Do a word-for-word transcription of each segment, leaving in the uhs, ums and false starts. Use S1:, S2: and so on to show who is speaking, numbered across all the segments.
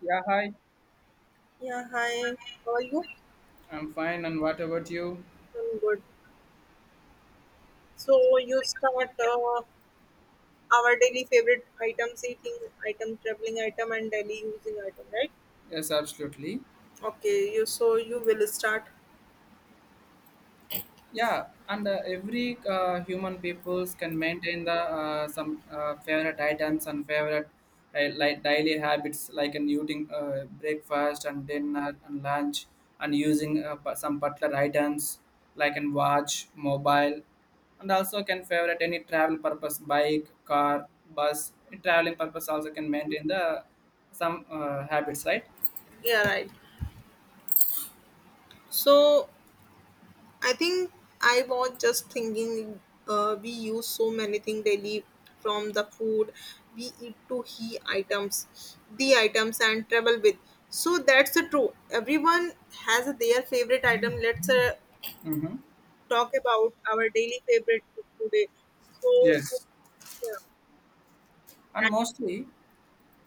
S1: Yeah, hi.
S2: Yeah, hi. How are you?
S1: I'm fine. And what about you?
S2: I'm good. So you start uh, our daily favorite items, eating item, traveling item, and daily using item, right?
S1: Yes, absolutely.
S2: Okay. You so you will start.
S1: Yeah, and uh, every uh, human peoples can maintain the uh, some uh, favorite items and favorite uh, like daily habits like an eating uh, breakfast and dinner and lunch and using uh, pa- some particular items like an watch, mobile, and also can favorite any travel purpose bike, car, bus. In traveling purpose also can maintain the some uh, habits, right?
S2: Yeah, right. So I think I was just thinking. Uh, we use so many things daily, from the food we eat to he items, the items, and travel with. So that's the true. Everyone has their favorite item. Let's uh,
S1: Mm-hmm.
S2: talk about our daily favorite book today. So,
S1: Yes.
S2: yeah,
S1: And mostly,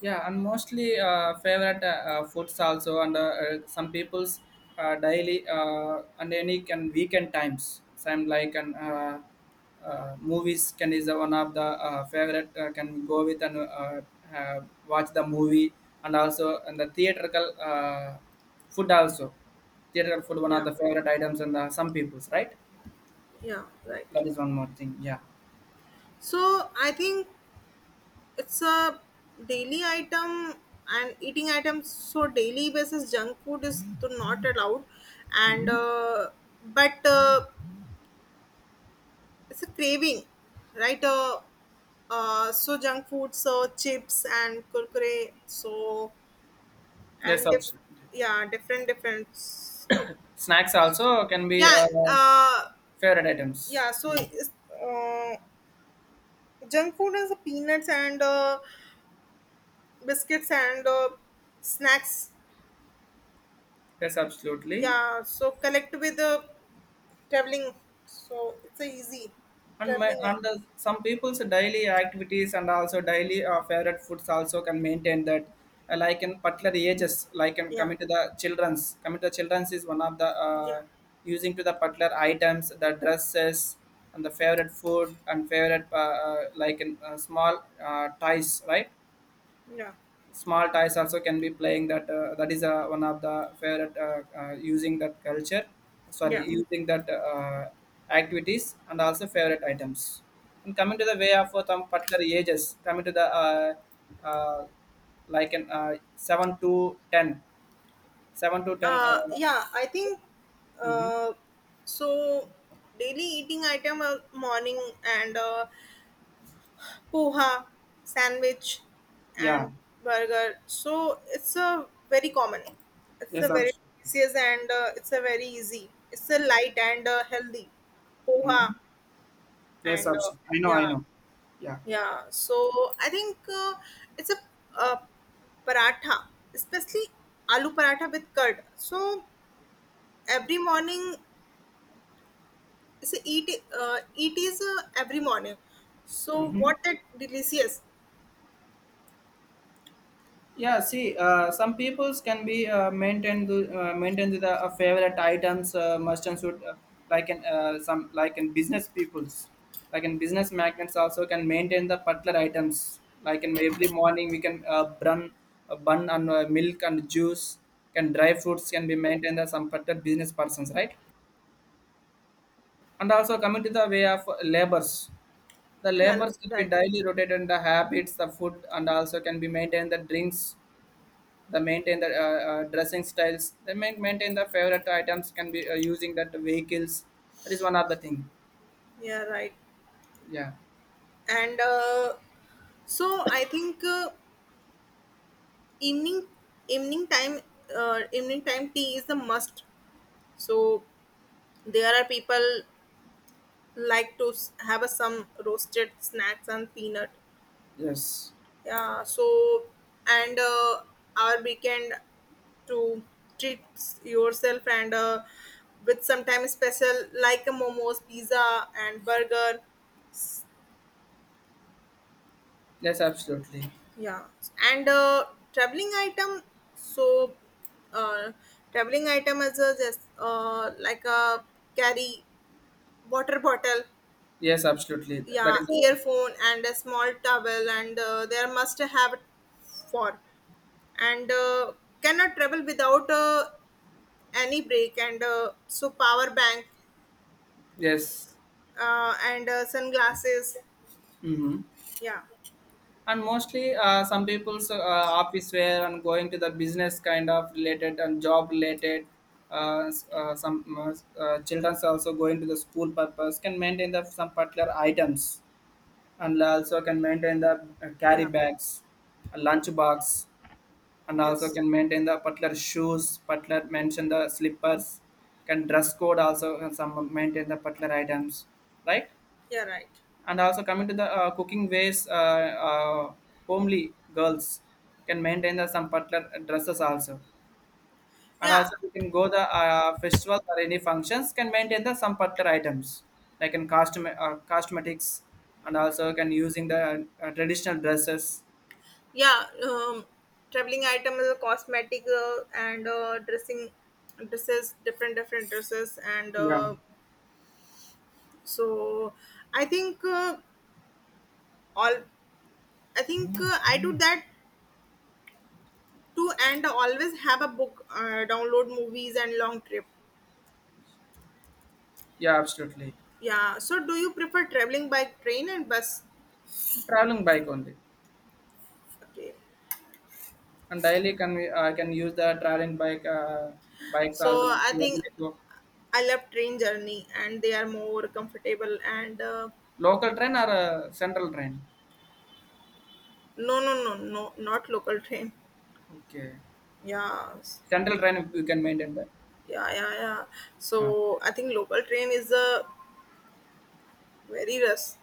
S1: yeah, and mostly uh, favorite uh, uh, foods also, and uh, uh, some people's uh, daily uh, and any and weekend times. Some like and uh, uh, movies can is one of the uh, favorite uh, can go with and uh, uh, watch the movie and also and the theatrical uh, food also. Theatrical food
S2: and-
S1: one of
S2: yeah,
S1: the favorite items and uh, some people's right.
S2: yeah, right.
S1: That is one more thing. Yeah.
S2: So I think it's a daily item and eating items. So daily basis junk food is to not allowed, and
S1: Hmm.
S2: uh, but uh, it's a craving, right? Uh, uh, so junk food, so chips and kurkure, so
S1: Yes,
S2: and diff-
S1: absolutely.
S2: yeah, different different.
S1: Snacks also can be.
S2: Yeah,
S1: Uh,
S2: uh,
S1: Favorite items.
S2: yeah, so
S1: Mm.
S2: it's, uh, junk food is peanuts and uh, biscuits and uh, snacks.
S1: Yes, absolutely.
S2: Yeah, so collect with uh, traveling. So it's a easy
S1: And my
S2: traveling. uh,
S1: and the, some people's daily activities and also daily uh, favorite foods also can maintain that. Uh, like in particular ages, like in
S2: Yeah,
S1: coming to the childrens, coming to the childrens is one of the
S2: yeah,
S1: uh, using to the particular items, the dresses and the favorite food and favorite uh, uh, like in uh, small uh, ties, right?
S2: yeah,
S1: Small toys also can be playing that uh, that is uh, one of the favorite uh, uh, using that culture, sorry
S2: yeah.
S1: using that uh, activities and also favorite items and coming to the way of uh, some particular ages coming to the uh, uh, like an uh, seven to ten, seven to ten
S2: Uh,
S1: uh,
S2: yeah, I think
S1: mhm.
S2: uh, so. Daily eating item uh, morning and uh, poha, sandwich,
S1: Yeah,
S2: and burger. So it's a very common. It's
S1: yes,
S2: a very
S1: absolutely.
S2: delicious and uh, it's a very easy. It's a light and uh, healthy
S1: Hmm,
S2: poha
S1: yes,
S2: and uh,
S1: absolutely. I know, I
S2: yeah
S1: know, yeah.
S2: yeah. So I think uh, it's a uh, paratha, especially aloo paratha with curd. So every morning, it's a eat uh, it is uh, every morning. So
S1: Hmm.
S2: what that delicious.
S1: Yeah, see, uh, some peoples can be uh, maintained uh, maintained with a favorite items uh, merchants would uh, like in uh, some like in business peoples, like in business magnates also can maintain the particular items like in every morning we can uh, bun uh, bun and uh, milk and juice, can dry fruits can be maintained as some particular business persons, right? And also coming to the way of labors, the
S2: Yeah,
S1: labors can be
S2: right.
S1: daily rotated in the habits, the food, and also can be maintained the drinks. They maintain the uh, uh, dressing styles. They main, maintain the favorite items can be uh, using that vehicles. That is one other thing.
S2: Yeah, right.
S1: Yeah.
S2: And uh, so I think uh, evening evening time uh, evening time tea is the must, so there are people like to s- have a, some roasted snacks and peanut.
S1: Yes.
S2: Yeah, so and uh, our weekend to treat yourself and uh, with sometimes special like a momos pizza and burger.
S1: Yes, absolutely.
S2: Yeah, and uh, traveling item. So, uh, traveling item is a, just uh, like a carry water bottle,
S1: Yes, absolutely. That
S2: yeah,
S1: is all.
S2: earphone, and a small towel, and uh, there must have for, and uh, cannot travel without uh, any break, and uh, so power bank,
S1: Yes.
S2: uh, and uh, sunglasses.
S1: Mm-hmm.
S2: Yeah,
S1: And mostly, uh, some people's uh, office wear and going to the business kind of related and job related. Uh, s- uh, some uh, s- uh, childrens also going to the school purpose can maintain the some particular items and also can maintain the uh, carry
S2: yeah,
S1: bags, a lunch box, and also
S2: yes,
S1: can maintain the particular shoes, particular mention the slippers, can dress code also and some maintain the particular items, right?
S2: yeah, right.
S1: And also coming to the uh, cooking ways, uh, uh, homely girls can maintain the some particular dresses also, and
S2: Yeah,
S1: also we can go the uh, festivals or any functions can maintain the some particular items like in costume uh, cosmetics and also can using the uh, traditional dresses.
S2: yeah, um, traveling item is a cosmetic uh, and uh, dressing dresses, different different dresses, and
S1: Yeah,
S2: uh, so I think uh, all I think uh, I do that too, and always have a book, uh, download movies and long trip.
S1: yeah, absolutely.
S2: Yeah. So do you prefer traveling by train and bus?
S1: Traveling bike only.
S2: Okay.
S1: And daily can we, I can use the traveling bike uh, bikes
S2: So
S1: also.
S2: I think I love train journey, and they are more comfortable and. Uh,
S1: Local train or uh, central train?
S2: no, no, no, no, not local train.
S1: Okay.
S2: Yeah.
S1: Central train you can maintain that.
S2: Yeah, yeah, yeah.
S1: Ah,
S2: So I think local train is a very rust,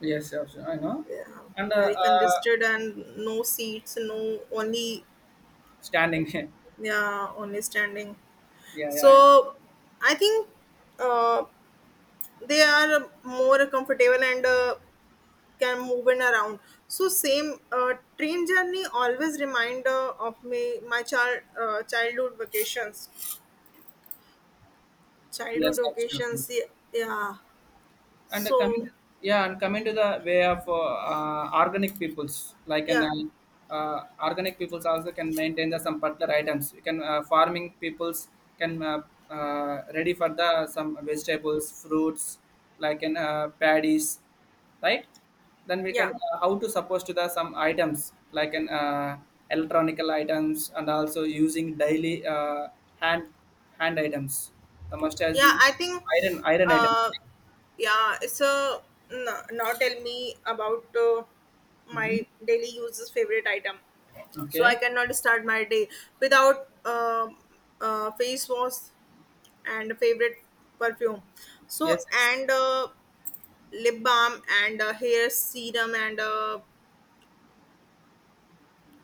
S1: yes, yes, I know.
S2: yeah,
S1: And uh,
S2: very
S1: uh,
S2: congested and no seats, no only
S1: standing
S2: yeah only standing.
S1: yeah, yeah, I-.
S2: So I think uh, they are more comfortable and uh, can move in around. So same uh, train journey always reminder of me my child uh, childhood vacations, childhood
S1: Yes, absolutely.
S2: vacations. Yeah. Yeah.
S1: And uh,
S2: So
S1: coming, yeah, and coming to the way of uh, uh, organic peoples, like an
S2: yeah,
S1: uh, uh, organic peoples also can maintain the some particular items. You can uh, farming peoples can uh, uh, ready for the some vegetables, fruits, like an uh, paddies, right? Then we can
S2: yeah.
S1: uh, how to suppose to the some items like an uh, electronical items and also using daily uh, hand hand items. The must as
S2: Yeah, I think,
S1: iron iron items.
S2: uh, yeah, it's a no, now tell me about uh,
S1: Mhm.
S2: my daily uses favorite item. So
S1: Okay.
S2: I cannot start my day without uh, uh, face wash and favorite perfume. So
S1: Yes. Yes.
S2: and uh, lip balm and uh, hair serum and uh,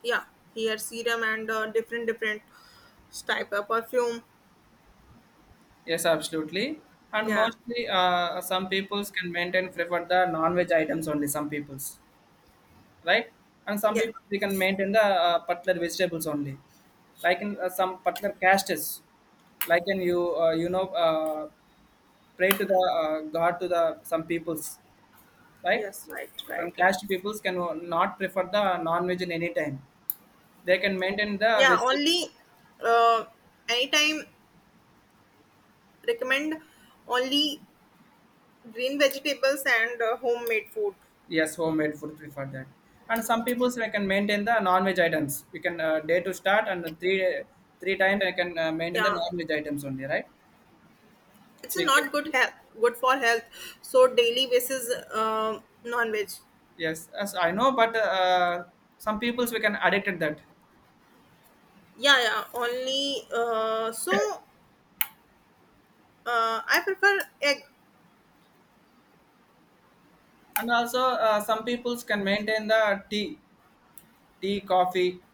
S2: yeah, hair serum and uh, different different type of perfume.
S1: Yes, absolutely. And
S2: Yeah,
S1: mostly, uh, some peoples can maintain prefer the non-veg items only. Some peoples, right? And some
S2: yeah,
S1: people they can maintain the uh, particular vegetables only, like in uh, some particular castes, like in you uh, you know uh, pray to the uh, God to the some peoples, right?
S2: yes, right,
S1: Some
S2: right, right.
S1: caste peoples can not prefer the non-veg in any time. They can maintain the
S2: Yeah
S1: vegetables.
S2: only uh, anytime recommend only green vegetables and uh, homemade food.
S1: Yes, homemade food prefer that. And some people say I can maintain the non-veg items. We can uh, day to start and three three times I can uh, maintain the
S2: Yeah,
S1: non-veg items only, right?
S2: it's
S1: Chicken.
S2: not good health, good for health, so daily basis um non-veg.
S1: Yes, as I know, but uh, some peoples we can addicted that.
S2: Yeah yeah only uh, so uh, I prefer egg.
S1: And also uh, some peoples can maintain the tea, tea, coffee,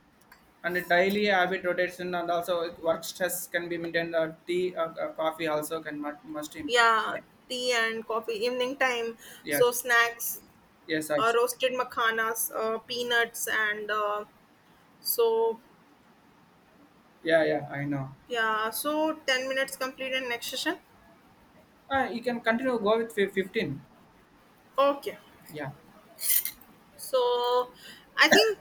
S1: and a daily habit rotation. And also work stress can be maintained. The tea, uh, uh, coffee also can mu- must improve.
S2: Yeah, tea and coffee evening time,
S1: Yes,
S2: so snacks,
S1: yes, I,
S2: uh, roasted makhanas uh, peanuts and uh, so
S1: yeah, yeah, I know.
S2: yeah, so ten minutes complete and next session.
S1: Uh, you can continue, go with fif- fifteen.
S2: Okay,
S1: Yeah.
S2: so I think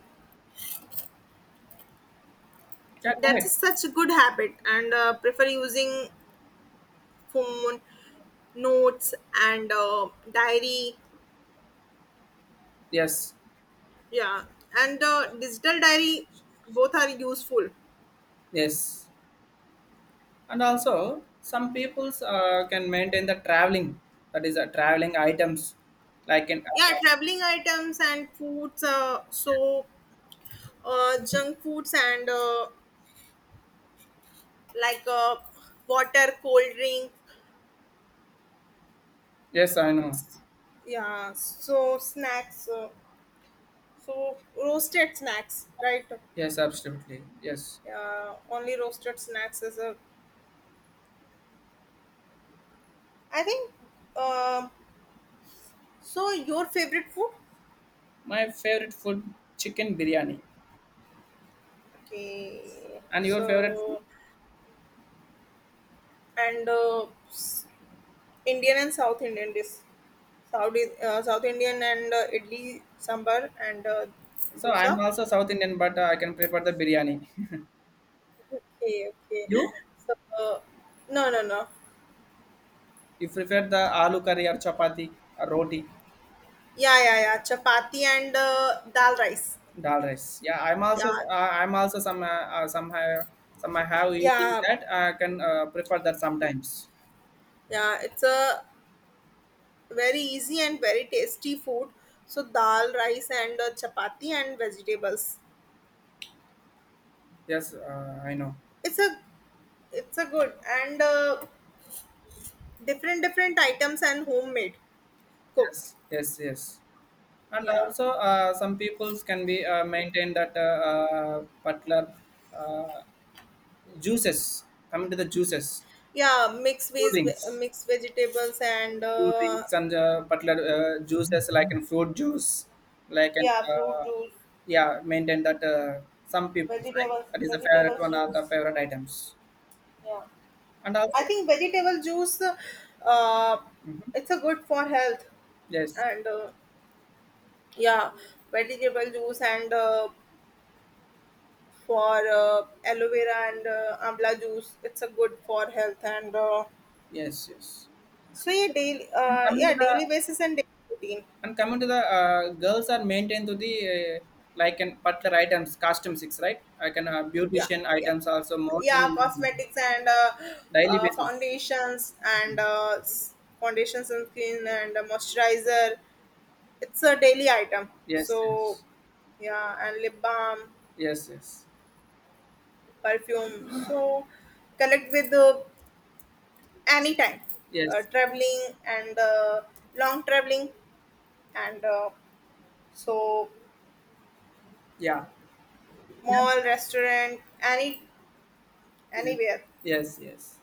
S1: Yeah, go
S2: that
S1: ahead.
S2: is such a good habit, and uh, prefer using phone, notes, and uh, diary.
S1: Yes,
S2: Yeah, and uh, digital diary, both are useful.
S1: yes. And also, some peoples uh, can maintain the traveling, that is, uh, traveling items. Like in,
S2: Yeah,
S1: uh,
S2: traveling items and foods. Uh, so uh, junk foods and uh, like uh, water, cold drink.
S1: yes, I know.
S2: Yeah, so snacks. Uh, so roasted snacks, right?
S1: Yes, absolutely. Yes.
S2: Yeah, only roasted snacks is a I think. Um, so your favorite food?
S1: My favorite food, chicken biryani.
S2: Okay.
S1: And your favorite food?
S2: So and uh, s- Indian and South Indian dish. South I- uh, South Indian and uh, idli sambar and uh,
S1: So, I'm
S2: dosa.
S1: also South Indian, but uh, I can prepare the biryani.
S2: Okay. Okay.
S1: You?
S2: So uh, no no no.
S1: You prefer the aloo curry or chapati or roti?
S2: Yeah yeah yeah. Chapati and uh, dal rice.
S1: Dal rice. Yeah, I'm also
S2: Yeah.
S1: uh, I'm also some uh, uh, some have some I have eating
S2: Yeah,
S1: that. I can uh, prefer that sometimes.
S2: yeah, it's a very easy and very tasty food. So dal, rice, and uh, chapati and vegetables.
S1: Yes, uh, I know.
S2: It's a, it's a good, and uh, different different items and homemade cook.
S1: Yes, yes, yes. And
S2: Yeah
S1: also, uh, some peoples can be uh, maintain that uh, uh, particular uh, juices. Coming to the juices,
S2: yeah mixed
S1: fruit
S2: veg,
S1: drinks,
S2: mixed vegetables and
S1: fruit
S2: uh,
S1: drinks, and uh, particular uh, juices like in fruit juice, like an
S2: yeah fruit
S1: uh,
S2: juice,
S1: yeah, maintain that uh, some peoples, right?
S2: vegetables
S1: That is the favorite
S2: vegetables
S1: one of
S2: juice.
S1: the favorite items.
S2: Yeah,
S1: And also,
S2: I think vegetable juice, uh,
S1: mhm,
S2: it's a good for health,
S1: yes,
S2: and uh, yeah vegetable juice and uh, for uh, aloe vera and uh, amla juice, it's a good for health and uh,
S1: yes, yes.
S2: So yeah, daily,
S1: And
S2: uh,
S1: coming to
S2: yeah,
S1: the,
S2: daily basis and daily routine.
S1: and coming to the uh, girls are maintained to the uh, like in particular items, costume six, right? I can uh,
S2: Yeah,
S1: beautician
S2: yeah,
S1: items also more than
S2: yeah.
S1: in
S2: Cosmetics and uh,
S1: daily
S2: uh,
S1: basis.
S2: foundations and uh, s- foundations and skin and uh, moisturizer. It's a daily item.
S1: Yes,
S2: So
S1: yes,
S2: yeah, and lip balm,
S1: yes, yes,
S2: perfume. So connect with uh, any time, uh,
S1: yes.
S2: traveling and uh, long traveling and uh, so
S1: Yeah, yeah,
S2: mall, restaurant, any
S1: yes,
S2: anywhere.
S1: yes, yes.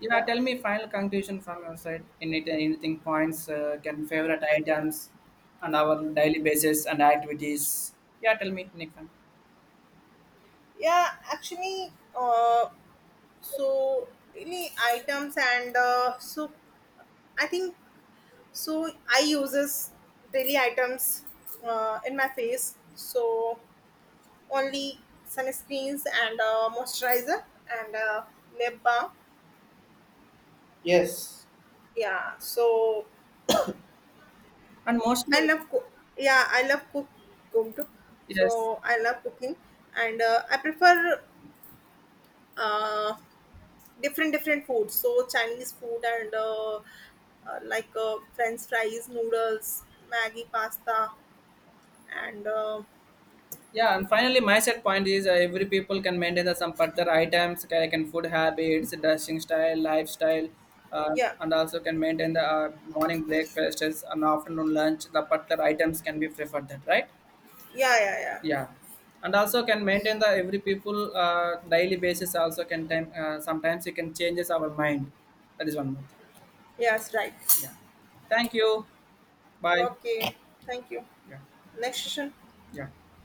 S1: Yeah,
S2: Yeah.
S1: tell me final conclusion from your side. Any anything points uh, can favorite items and our daily basis and activities. Yeah, tell me, Nikon.
S2: Yeah, actually, uh, so really items and uh, so I think so I uses daily items uh, in my face. So only sunscreens and uh, moisturizer and uh, lip balm.
S1: Yes,
S2: Yeah, so
S1: and mostly,
S2: I love cook. Yeah, I love cook. Cook.
S1: yes,
S2: So I love cooking and uh, I prefer uh, different different foods, so chinese food and uh, uh, like uh, french fries, noodles, maggie, pasta, and uh,
S1: yeah, and finally my set point is uh, every people can maintain the some particular items, can, can food habits, dressing style, lifestyle, uh,
S2: yeah
S1: and also can maintain the uh, morning breakfasts and afternoon lunch, the particular items can be preferred that, right?
S2: yeah yeah yeah,
S1: Yeah. And also can maintain the every people uh, daily basis also can time, uh, sometimes you can changes our mind. That is one more thing.
S2: yes right,
S1: Yeah, thank you. Bye.
S2: okay, thank you,
S1: Yeah.
S2: next session.
S1: Yeah.